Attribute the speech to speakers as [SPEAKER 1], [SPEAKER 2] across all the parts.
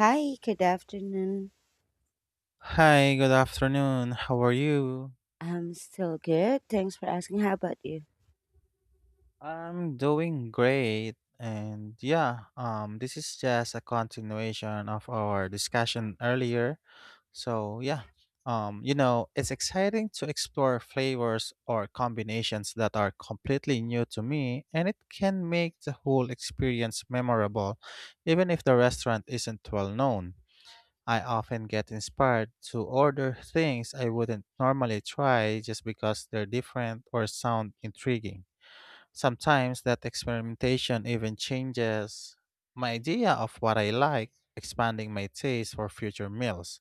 [SPEAKER 1] Hi, good afternoon.
[SPEAKER 2] Hi, good afternoon. How are you?
[SPEAKER 1] I'm still good. Thanks for asking. How about you?
[SPEAKER 2] I'm doing great. And yeah, this is just a continuation of our discussion earlier. So, yeah. It's exciting to explore flavors or combinations that are completely new to me, and it can make the whole experience memorable even if the restaurant isn't well known. I often get inspired to order things I wouldn't normally try just because they're different or sound intriguing. Sometimes that experimentation even changes my idea of what I like, expanding my taste for future meals.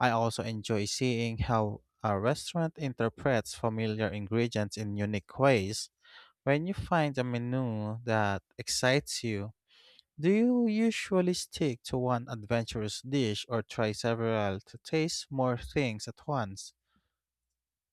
[SPEAKER 2] I also enjoy seeing how a restaurant interprets familiar ingredients in unique ways. When you find a menu that excites you, do you usually stick to one adventurous dish or try several to taste more things at once?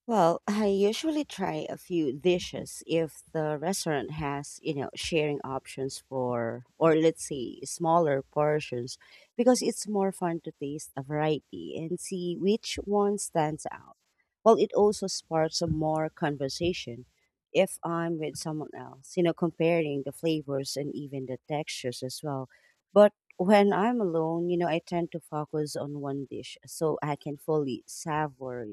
[SPEAKER 1] Well, I usually try a few dishes if the restaurant has, you know, sharing options for, or let's say smaller portions, because it's more fun to taste a variety and see which one stands out. Well, it also sparks a more conversation if I'm with someone else, you know, comparing the flavors and even the textures as well. But when I'm alone, you know, I tend to focus on one dish so I can fully savor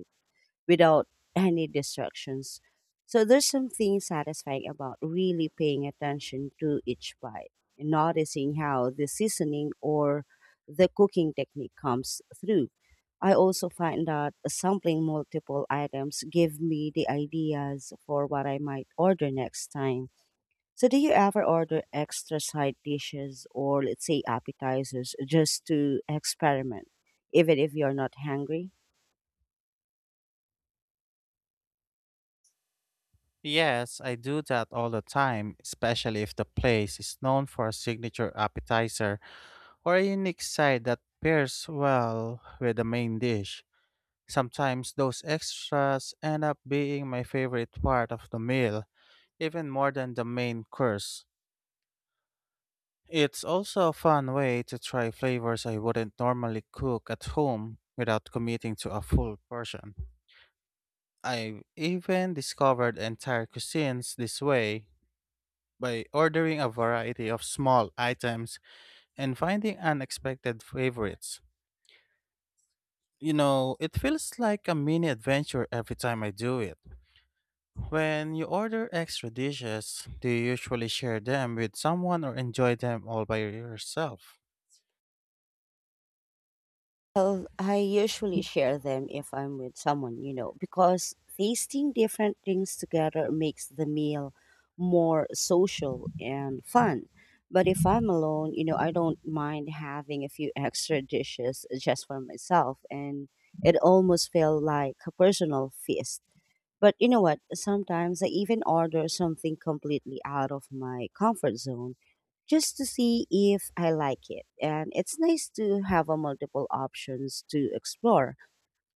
[SPEAKER 1] without any distractions. So there's something satisfying about really paying attention to each bite, noticing how the seasoning or the cooking technique comes through. I also find that sampling multiple items give me the ideas for what I might order next time. So do you ever order extra side dishes or let's say appetizers just to experiment even if you're not hungry?
[SPEAKER 2] Yes, I do that all the time, especially if the place is known for a signature appetizer or a unique side that pairs well with the main dish. Sometimes those extras end up being my favorite part of the meal, even more than the main course. It's also a fun way to try flavors I wouldn't normally cook at home without committing to a full portion. I've even discovered entire cuisines this way by ordering a variety of small items and finding unexpected favorites. You know, it feels like a mini adventure every time I do it. When you order extra dishes, do you usually share them with someone or enjoy them all by yourself?
[SPEAKER 1] Well, I usually share them if I'm with someone, you know, because tasting different things together makes the meal more social and fun. But if I'm alone, you know, I don't mind having a few extra dishes just for myself, and it almost felt like a personal feast. But you know what? Sometimes I even order something completely out of my comfort zone just to see if I like it. And it's nice to have a multiple options to explore.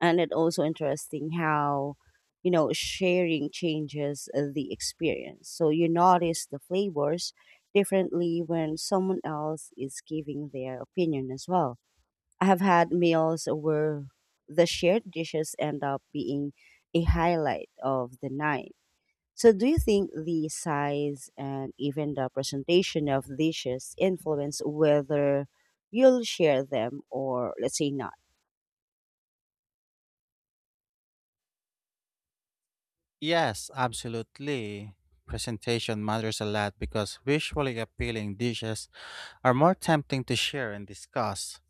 [SPEAKER 1] And it also interesting how, you know, sharing changes the experience. So you notice the flavors differently when someone else is giving their opinion as well. I have had meals where the shared dishes end up being a highlight of the night. So, do you think the size and even the presentation of dishes influence whether you'll share them or, let's say, not?
[SPEAKER 2] Yes, absolutely. Presentation matters a lot because visually appealing dishes are more tempting to share and discuss.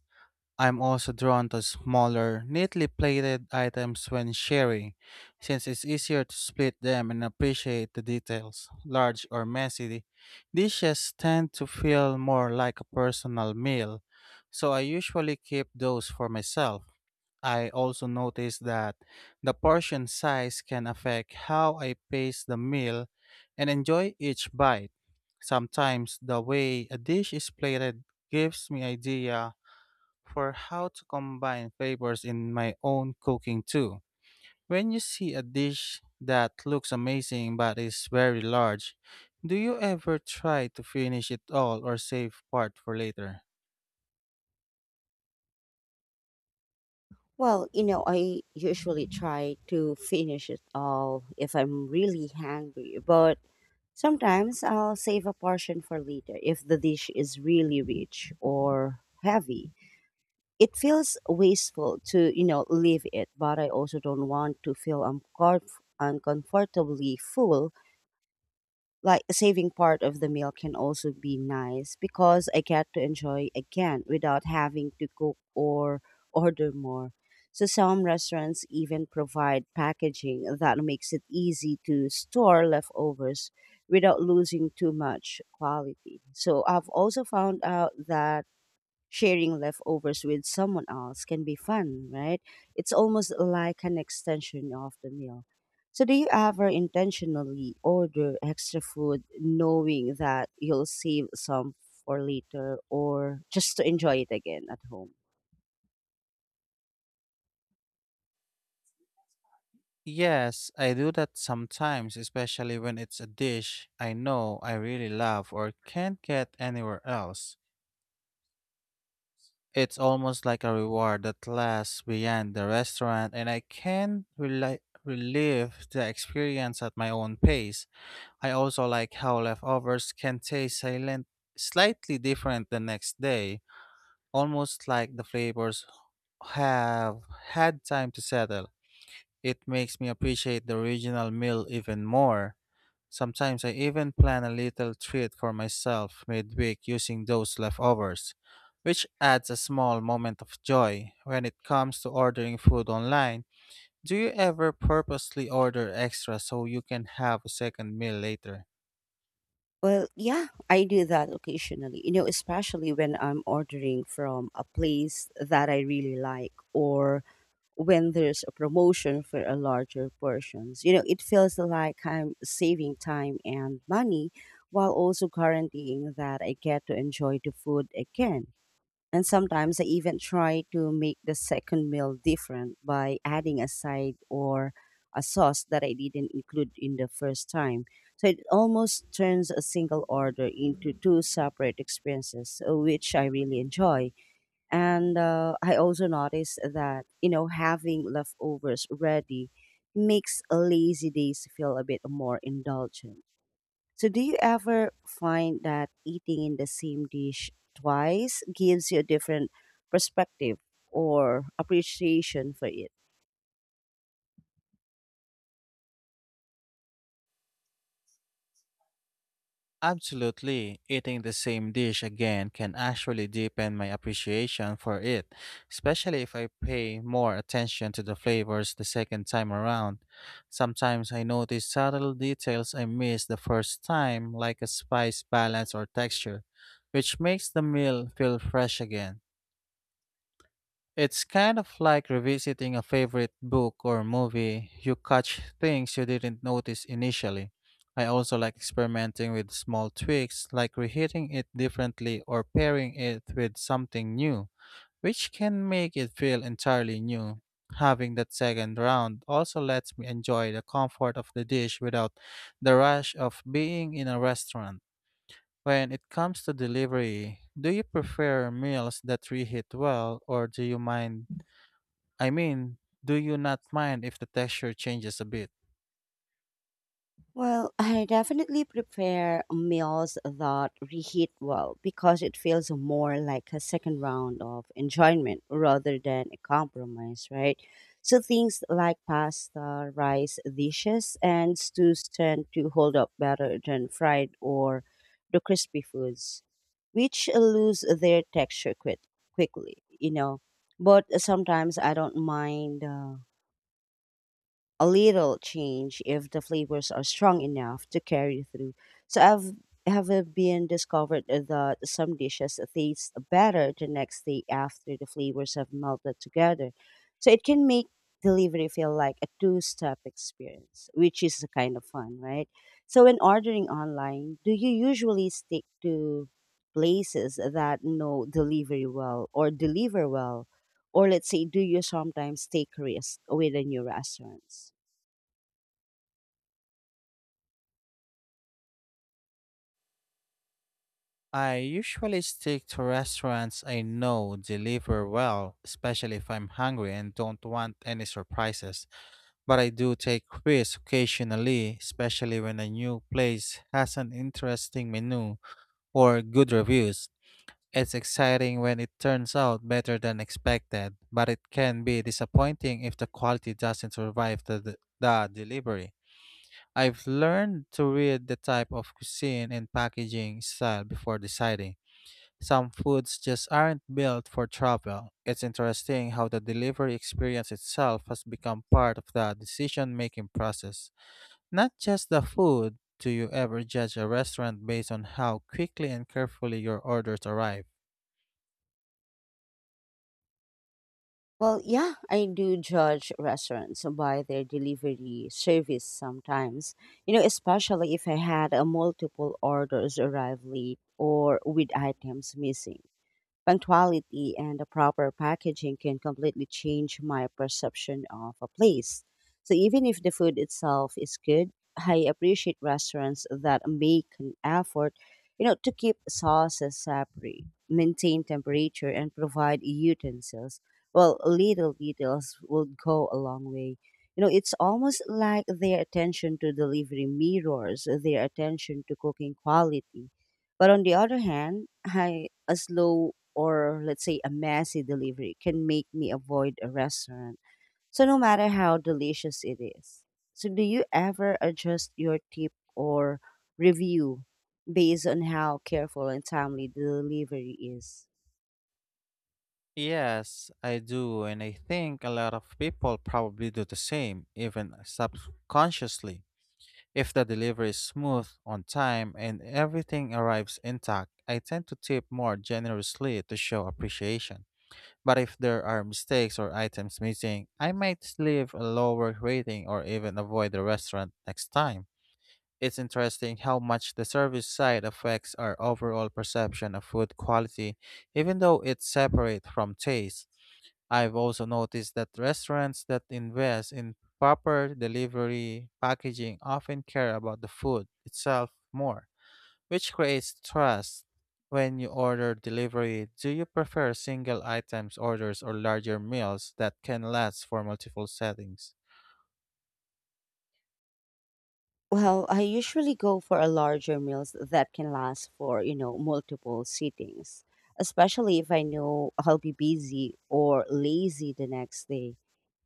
[SPEAKER 2] I'm also drawn to smaller, neatly plated items when sharing, since it's easier to split them and appreciate the details. Large or messy dishes tend to feel more like a personal meal, so I usually keep those for myself. I also noticed that the portion size can affect how I pace the meal and enjoy each bite. Sometimes the way a dish is plated gives me idea for how to combine flavors in my own cooking too. When you see a dish that looks amazing but is very large, do you ever try to finish it all or save part for later?
[SPEAKER 1] Well, you know, I usually try to finish it all if I'm really hungry, but sometimes I'll save a portion for later if the dish is really rich or heavy. It feels wasteful to, you know, leave it, but I also don't want to feel uncomfortably full. Like, saving part of the meal can also be nice because I get to enjoy again without having to cook or order more. So some restaurants even provide packaging that makes it easy to store leftovers without losing too much quality. So I've also found out that sharing leftovers with someone else can be fun, right? It's almost like an extension of the meal. So, do you ever intentionally order extra food knowing that you'll save some for later or just to enjoy it again at home?
[SPEAKER 2] Yes, I do that sometimes, especially when it's a dish I know I really love or can't get anywhere else. It's almost like a reward that lasts beyond the restaurant, and I can relive the experience at my own pace. I also like how leftovers can taste silent, slightly different the next day, almost like the flavors have had time to settle. It makes me appreciate the original meal even more. Sometimes I even plan a little treat for myself midweek using those leftovers, which adds a small moment of joy. When it comes to ordering food online, do you ever purposely order extra so you can have a second meal later?
[SPEAKER 1] Well, yeah, I do that occasionally, you know, especially when I'm ordering from a place that I really like or when there's a promotion for a larger portions. You know, it feels like I'm saving time and money while also guaranteeing that I get to enjoy the food again. And sometimes I even try to make the second meal different by adding a side or a sauce that I didn't include in the first time. So it almost turns a single order into two separate experiences, which I really enjoy. And I also noticed that, you know, having leftovers ready makes lazy days feel a bit more indulgent. So, do you ever find that eating in the same dish twice gives you a different perspective or appreciation for it?
[SPEAKER 2] Absolutely. Eating the same dish again can actually deepen my appreciation for it, especially if I pay more attention to the flavors the second time around. Sometimes I notice subtle details I missed the first time, like a spice balance or texture, which makes the meal feel fresh again. It's kind of like revisiting a favorite book or movie. You catch things you didn't notice initially. I also like experimenting with small tweaks, like reheating it differently or pairing it with something new, which can make it feel entirely new. Having that second round also lets me enjoy the comfort of the dish without the rush of being in a restaurant. When it comes to delivery, do you prefer meals that reheat well or do you mind I mean, do you not mind if the texture changes a bit?
[SPEAKER 1] Well, I definitely prepare meals that reheat well because it feels more like a second round of enjoyment rather than a compromise, right? So things like pasta, rice dishes, and stews tend to hold up better than fried or the crispy foods, which lose their texture quit quickly, you know. But sometimes I don't mind. A little change if the flavors are strong enough to carry through. So I've have it been discovered that some dishes taste better the next day after the flavors have melted together. So it can make delivery feel like a two-step experience, which is kind of fun, right? So when ordering online, do you usually stick to places that know delivery well or deliver well? Or let's say, do you sometimes take risks with the new restaurants?
[SPEAKER 2] I usually stick to restaurants I know deliver well, especially if I'm hungry and don't want any surprises. But I do take risks occasionally, especially when a new place has an interesting menu or good reviews. It's exciting when it turns out better than expected, but it can be disappointing if the quality doesn't survive the delivery. I've learned to read the type of cuisine and packaging style before deciding. Some foods just aren't built for travel. It's interesting how the delivery experience itself has become part of the decision making process. Not just the food, do you ever judge a restaurant based on how quickly and carefully your orders arrive?
[SPEAKER 1] Well, yeah, I do judge restaurants by their delivery service sometimes. You know, especially if I had a multiple orders arrive late or with items missing. Punctuality and the proper packaging can completely change my perception of a place. So even if the food itself is good, I appreciate restaurants that make an effort, you know, to keep sauces separate, maintain temperature, and provide utensils. Well, little details will go a long way. You know, it's almost like their attention to delivery mirrors, their attention to cooking quality. But on the other hand, a slow or let's say a messy delivery can make me avoid a restaurant. So no matter how delicious it is. So do you ever adjust your tip or review based on how careful and timely the delivery is?
[SPEAKER 2] Yes, I do, and I think a lot of people probably do the same, even subconsciously. If the delivery is smooth, on time, and everything arrives intact, I tend to tip more generously to show appreciation. But if there are mistakes or items missing, I might leave a lower rating or even avoid the restaurant next time. It's interesting how much the service side affects our overall perception of food quality, even though it's separate from taste. I've also noticed that restaurants that invest in proper delivery packaging often care about the food itself more, which creates trust. When you order delivery, do you prefer single items orders or larger meals that can last for multiple settings?
[SPEAKER 1] Well, I usually go for a larger meals that can last for, you know, multiple sittings, especially if I know I'll be busy or lazy the next day.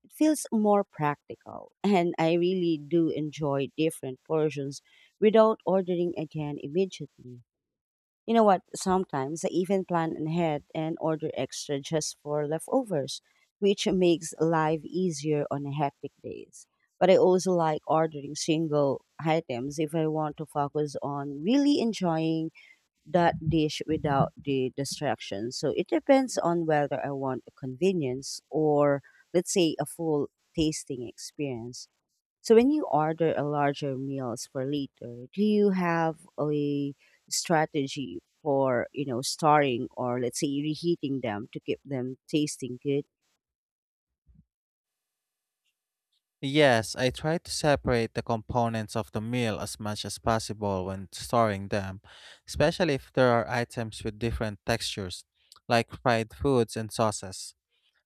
[SPEAKER 1] It feels more practical, and I really do enjoy different portions without ordering again immediately. You know what? Sometimes I even plan ahead and order extra just for leftovers, which makes life easier on hectic days. But I also like ordering single items if I want to focus on really enjoying that dish without the distraction. So it depends on whether I want a convenience or, let's say, a full tasting experience. So when you order a larger meals for later, do you have a strategy for, you know, storing or let's say reheating them to keep them tasting good?
[SPEAKER 2] Yes, I try to separate the components of the meal as much as possible when storing them, especially if there are items with different textures, like fried foods and sauces.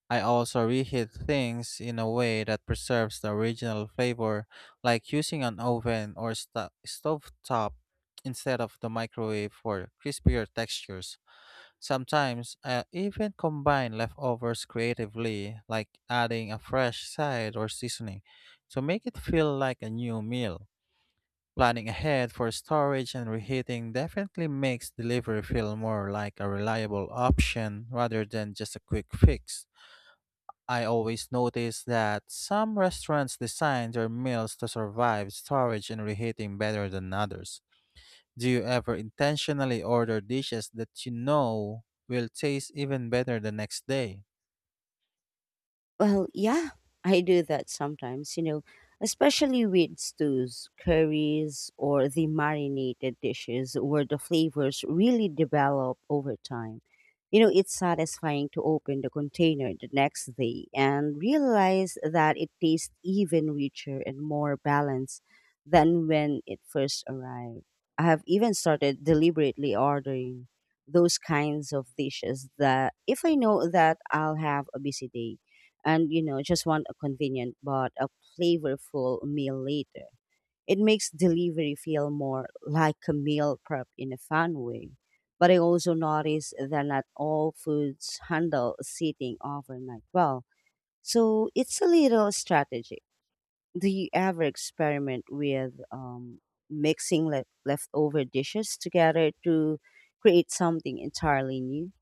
[SPEAKER 2] I also reheat things in a way that preserves the original flavor, like using an oven or stovetop instead of the microwave for crispier textures. Sometimes I even combine leftovers creatively, like adding a fresh side or seasoning to make it feel like a new meal. Planning ahead for storage and reheating definitely makes delivery feel more like a reliable option rather than just a quick fix. I always notice that some restaurants design their meals to survive storage and reheating better than others. Do you ever intentionally order dishes that you know will taste even better the next day?
[SPEAKER 1] Well, yeah, I do that sometimes, you know, especially with stews, curries, or the marinated dishes where the flavors really develop over time. You know, it's satisfying to open the container the next day and realize that it tastes even richer and more balanced than when it first arrived. I have even started deliberately ordering those kinds of dishes that if I know that I'll have a busy day and, you know, just want a convenient but a flavorful meal later. It makes delivery feel more like a meal prep in a fun way. But I also notice that not all foods handle sitting overnight well. So it's a little strategy. Do you ever experiment with mixing leftover dishes together to create something entirely new?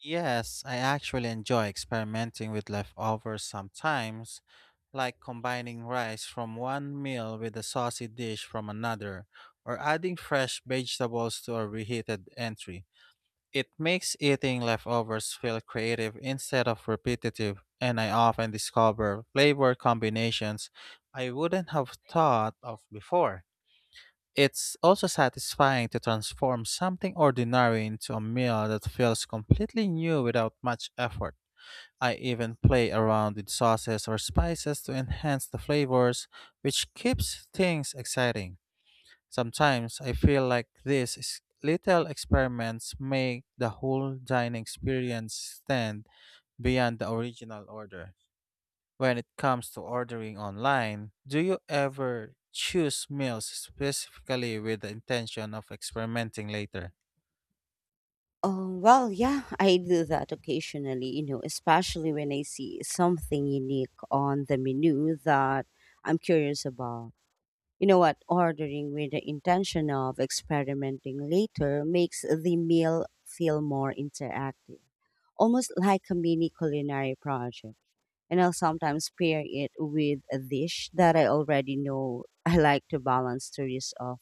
[SPEAKER 2] Yes, I actually enjoy experimenting with leftovers sometimes, like combining rice from one meal with a saucy dish from another, or adding fresh vegetables to a reheated entry. It makes eating leftovers feel creative instead of repetitive, and I often discover flavor combinations I wouldn't have thought of before. It's also satisfying to transform something ordinary into a meal that feels completely new without much effort. I even play around with sauces or spices to enhance the flavors, which keeps things exciting. Sometimes I feel like these little experiments make the whole dining experience stand beyond the original order. When it comes to ordering online, do you ever choose meals specifically with the intention of experimenting later?
[SPEAKER 1] Oh, well, yeah, I do that occasionally, you know, especially when I see something unique on the menu that I'm curious about. You know what? Ordering with the intention of experimenting later makes the meal feel more interactive, almost like a mini culinary project. And I'll sometimes pair it with a dish that I already know I like to balance the risk of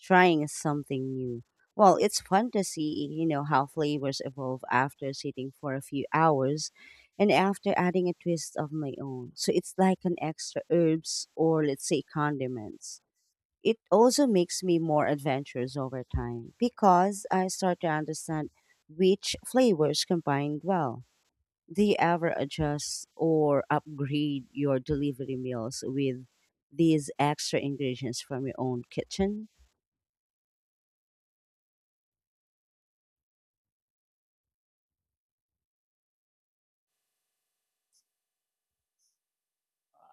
[SPEAKER 1] trying something new. Well, it's fun to see, you know, how flavors evolve after sitting for a few hours and after adding a twist of my own. So it's like an extra herbs or let's say condiments. It also makes me more adventurous over time because I start to understand which flavors combine well. Do you ever adjust or upgrade your delivery meals with these extra ingredients from your own kitchen?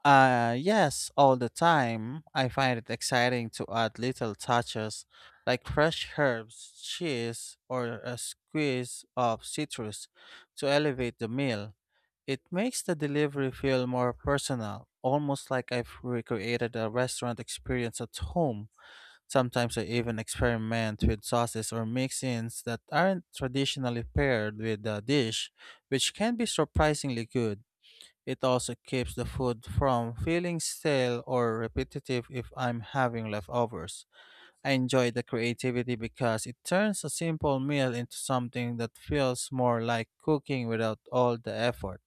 [SPEAKER 2] Yes, all the time. I find it exciting to add little touches like fresh herbs, cheese, or a squeeze of citrus to elevate the meal. It makes the delivery feel more personal, almost like I've recreated a restaurant experience at home. Sometimes I even experiment with sauces or mix ins that aren't traditionally paired with the dish, which can be surprisingly good. It also keeps the food from feeling stale or repetitive if I'm having leftovers. I enjoy the creativity because it turns a simple meal into something that feels more like cooking without all the effort.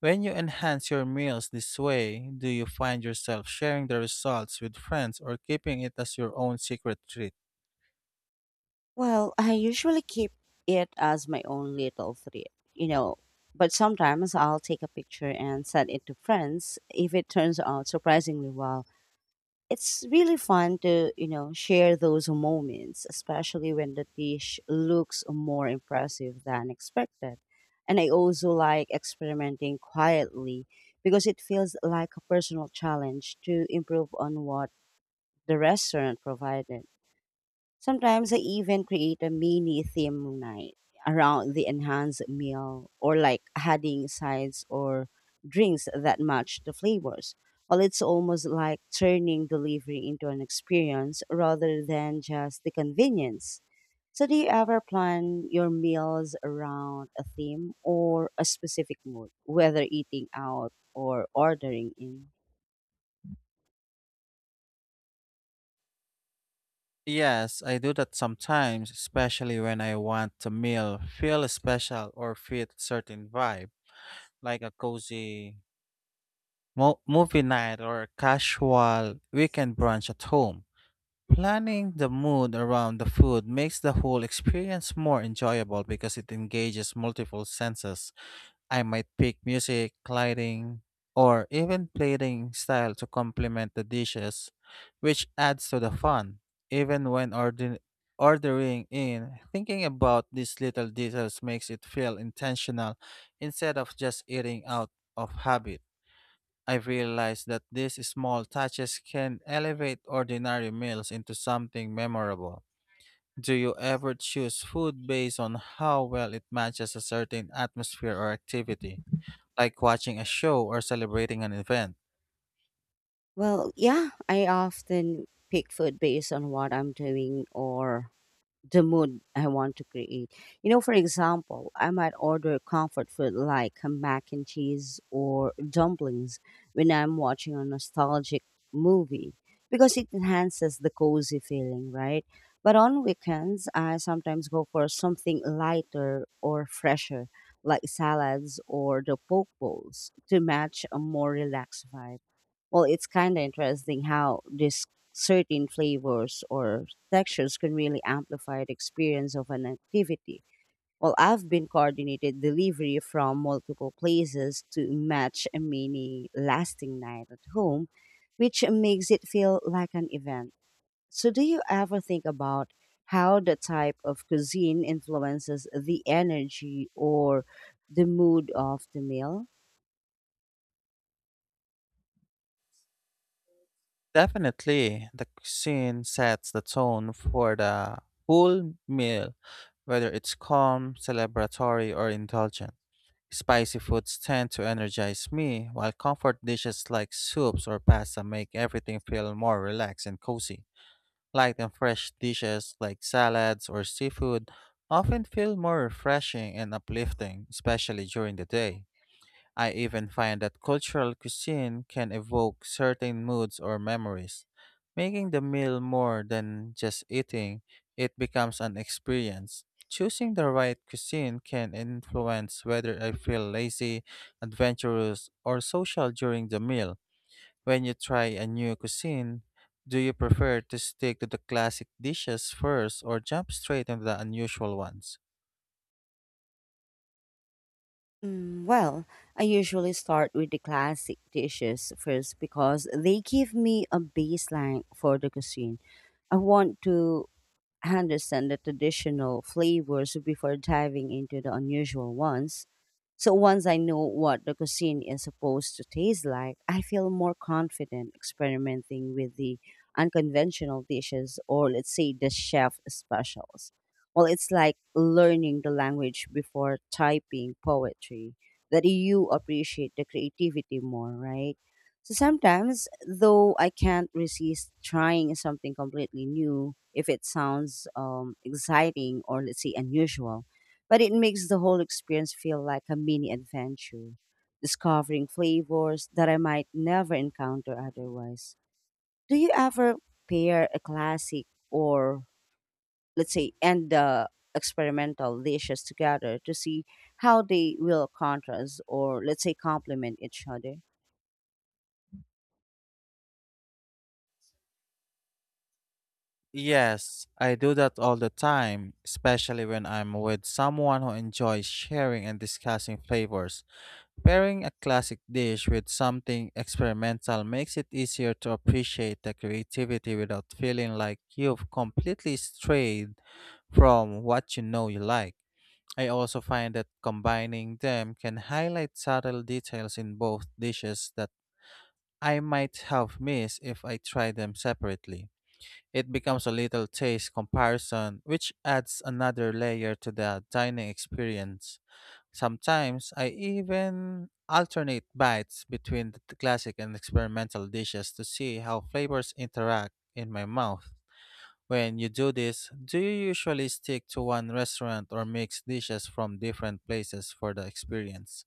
[SPEAKER 2] When you enhance your meals this way, do you find yourself sharing the results with friends or keeping it as your own secret treat?
[SPEAKER 1] Well, I usually keep it as my own little treat, you know, but sometimes I'll take a picture and send it to friends if it turns out surprisingly well. It's really fun to, you know, share those moments, especially when the dish looks more impressive than expected. And I also like experimenting quietly because it feels like a personal challenge to improve on what the restaurant provided. Sometimes I even create a mini theme night around the enhanced meal, or like adding sides or drinks that match the flavors. Well, it's almost like turning delivery into an experience rather than just the convenience. So, do you ever plan your meals around a theme or a specific mood, whether eating out or ordering in?
[SPEAKER 2] Yes, I do that sometimes, especially when I want a meal feel special or fit certain vibe, like a cozy movie night or casual weekend brunch at home. Planning the mood around the food makes the whole experience more enjoyable because it engages multiple senses. I might pick music, lighting, or even plating style to complement the dishes, which adds to the fun. Even when ordering in, thinking about these little details makes it feel intentional instead of just eating out of habit. I've realized that these small touches can elevate ordinary meals into something memorable. Do you ever choose food based on how well it matches a certain atmosphere or activity, like watching a show or celebrating an event?
[SPEAKER 1] Well, yeah, I often pick food based on what I'm doing or the mood I want to create. You know, for example, I might order comfort food like a mac and cheese or dumplings when I'm watching a nostalgic movie because it enhances the cozy feeling, right? But on weekends, I sometimes go for something lighter or fresher, like salads or the poke bowls, to match a more relaxed vibe. Well, it's kind of interesting how this certain flavors or textures can really amplify the experience of an activity. Well, I've been coordinated delivery from multiple places to match a mini lasting night at home, which makes it feel like an event. So, do you ever think about how the type of cuisine influences the energy or the mood of the meal?
[SPEAKER 2] Definitely, the cuisine sets the tone for the whole meal, whether it's calm, celebratory, or indulgent. Spicy foods tend to energize me, while comfort dishes like soups or pasta make everything feel more relaxed and cozy. Light and fresh dishes like salads or seafood often feel more refreshing and uplifting, especially during the day. I even find that cultural cuisine can evoke certain moods or memories. Making the meal more than just eating, it becomes an experience. Choosing the right cuisine can influence whether I feel lazy, adventurous, or social during the meal. When you try a new cuisine, do you prefer to stick to the classic dishes first or jump straight into the unusual ones?
[SPEAKER 1] Mm, well, I usually start with the classic dishes first because they give me a baseline for the cuisine. I want to understand the traditional flavors before diving into the unusual ones. So once I know what the cuisine is supposed to taste like, I feel more confident experimenting with the unconventional dishes, or let's say the chef specials. Well, it's like learning the language before typing poetry, that you appreciate the creativity more, right? So sometimes, though, I can't resist trying something completely new if it sounds exciting or, let's say, unusual. But it makes the whole experience feel like a mini adventure, discovering flavors that I might never encounter otherwise. Do you ever pair a classic or, let's say, and the experimental dishes together to see how they will contrast or, let's say, complement each other?
[SPEAKER 2] Yes, I do that all the time, especially when I'm with someone who enjoys sharing and discussing flavors. Pairing a classic dish with something experimental makes it easier to appreciate the creativity without feeling like you've completely strayed from what you know you like. I also find that combining them can highlight subtle details in both dishes that I might have missed if I tried them separately. It becomes a little taste comparison, which adds another layer to the dining experience. Sometimes I even alternate bites between the classic and experimental dishes to see how flavors interact in my mouth. When you do this, do you usually stick to one restaurant or mix dishes from different places for the experience?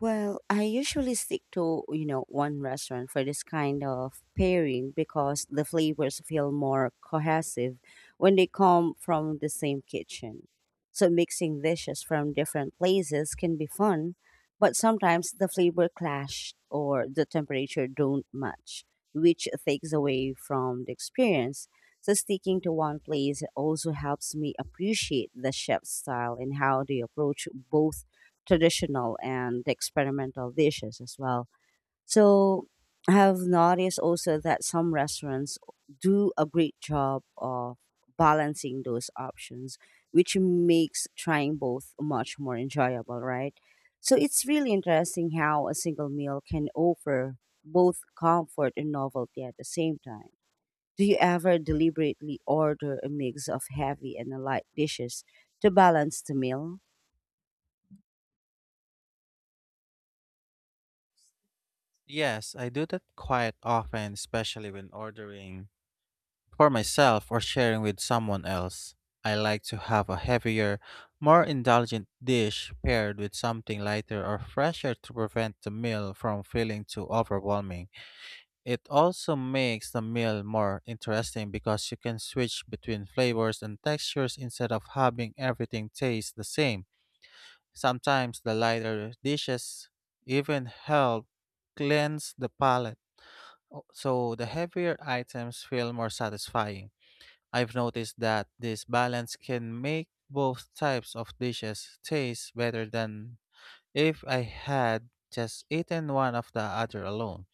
[SPEAKER 1] Well, I usually stick to, you know, one restaurant for this kind of pairing because the flavors feel more cohesive when they come from the same kitchen. So mixing dishes from different places can be fun, but sometimes the flavor clash or the temperature don't match, which takes away from the experience. So sticking to one place also helps me appreciate the chef's style and how they approach both traditional and the experimental dishes as well. So I have noticed also that some restaurants do a great job of balancing those options, which makes trying both much more enjoyable, right? So it's really interesting how a single meal can offer both comfort and novelty at the same time. Do you ever deliberately order a mix of heavy and light dishes to balance the meal?
[SPEAKER 2] Yes, I do that quite often, especially when ordering for myself or sharing with someone else, I like to have a heavier, more indulgent dish paired with something lighter or fresher to prevent the meal from feeling too overwhelming. It also makes the meal more interesting because you can switch between flavors and textures instead of having everything taste the same. Sometimes the lighter dishes even help cleanse the palate, so the heavier items feel more satisfying. I've noticed that this balance can make both types of dishes taste better than if I had just eaten one of the other alone.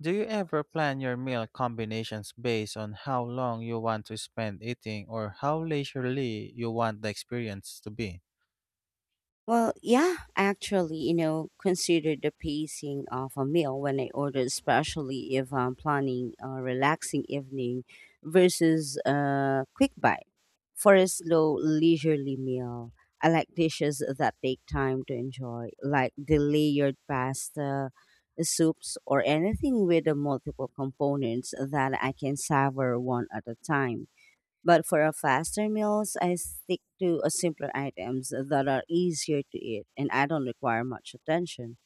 [SPEAKER 2] Do you ever plan your meal combinations based on how long you want to spend eating or how leisurely you want the experience to be?
[SPEAKER 1] Well, yeah, actually, you know, consider the pacing of a meal when I order, especially if I'm planning a relaxing evening versus a quick bite. For a slow, leisurely meal, I like dishes that take time to enjoy, like the layered pasta, soups, or anything with the multiple components that I can savor one at a time. But for our faster meals, I stick to a simpler items that are easier to eat and I don't require much attention.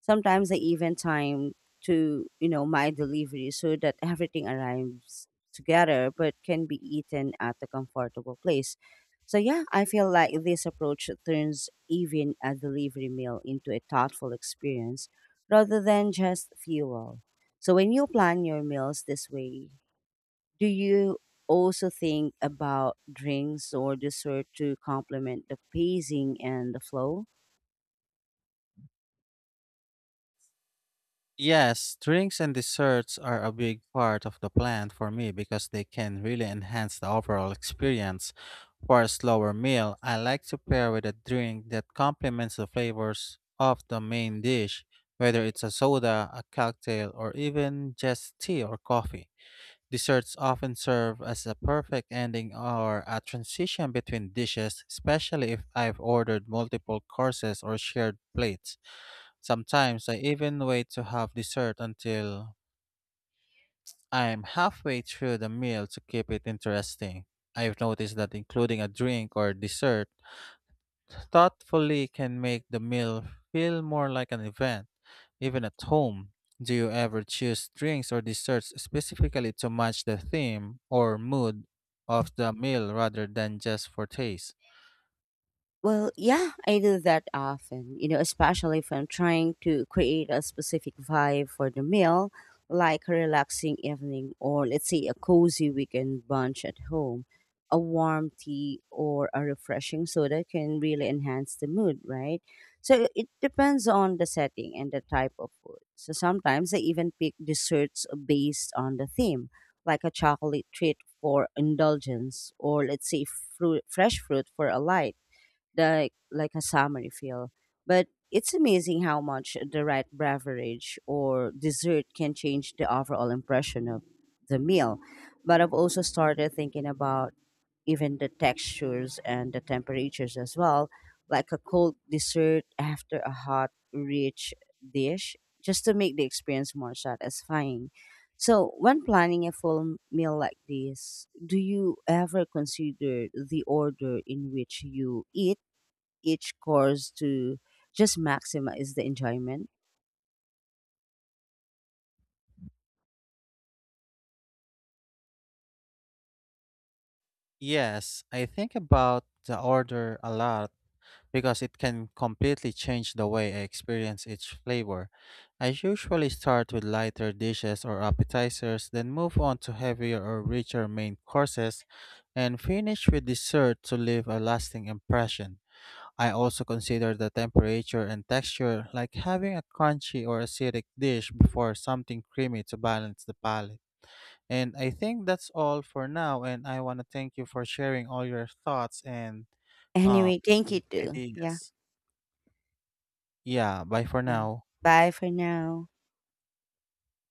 [SPEAKER 1] Sometimes I even time to, you know, my delivery so that everything arrives together but can be eaten at a comfortable place. So yeah, I feel like this approach turns even a delivery meal into a thoughtful experience rather than just fuel. So when you plan your meals this way, do you also think about drinks or dessert to complement the pacing and the flow?
[SPEAKER 2] Yes, drinks and desserts are a big part of the plan for me because they can really enhance the overall experience. For a slower meal, I like to pair with a drink that complements the flavors of the main dish, whether it's a soda, a cocktail, or even just tea or coffee. Desserts often serve as a perfect ending or a transition between dishes, especially if I've ordered multiple courses or shared plates. Sometimes I even wait to have dessert until I'm halfway through the meal to keep it interesting. I've noticed that including a drink or dessert thoughtfully can make the meal feel more like an event, even at home. Do you ever choose drinks or desserts specifically to match the theme or mood of the meal rather than just for taste?
[SPEAKER 1] Well, yeah, I do that often, you know, especially if I'm trying to create a specific vibe for the meal, like a relaxing evening or, let's say, a cozy weekend bunch at home. A warm tea or a refreshing soda can really enhance the mood, right? So it depends on the setting and the type of food. So sometimes I even pick desserts based on the theme, like a chocolate treat for indulgence, or let's say fruit, fresh fruit for a light, like a summery feel. But it's amazing how much the right beverage or dessert can change the overall impression of the meal. But I've also started thinking about even the textures and the temperatures as well, like a cold dessert after a hot, rich dish, just to make the experience more satisfying. So, when planning a full meal like this, do you ever consider the order in which you eat each course to just maximize the enjoyment?
[SPEAKER 2] Yes, I think about the order a lot because it can completely change the way I experience each flavor. I usually start with lighter dishes or appetizers, then move on to heavier or richer main courses, and finish with dessert to leave a lasting impression. I also consider the temperature and texture, like having a crunchy or acidic dish before something creamy to balance the palate. And I think that's all for now, and I want to thank you for sharing all your thoughts and uh,
[SPEAKER 1] Anyway, thank you too. Yeah,
[SPEAKER 2] ideas. Yeah, bye for
[SPEAKER 1] yeah.
[SPEAKER 2] now.
[SPEAKER 1] Bye for now.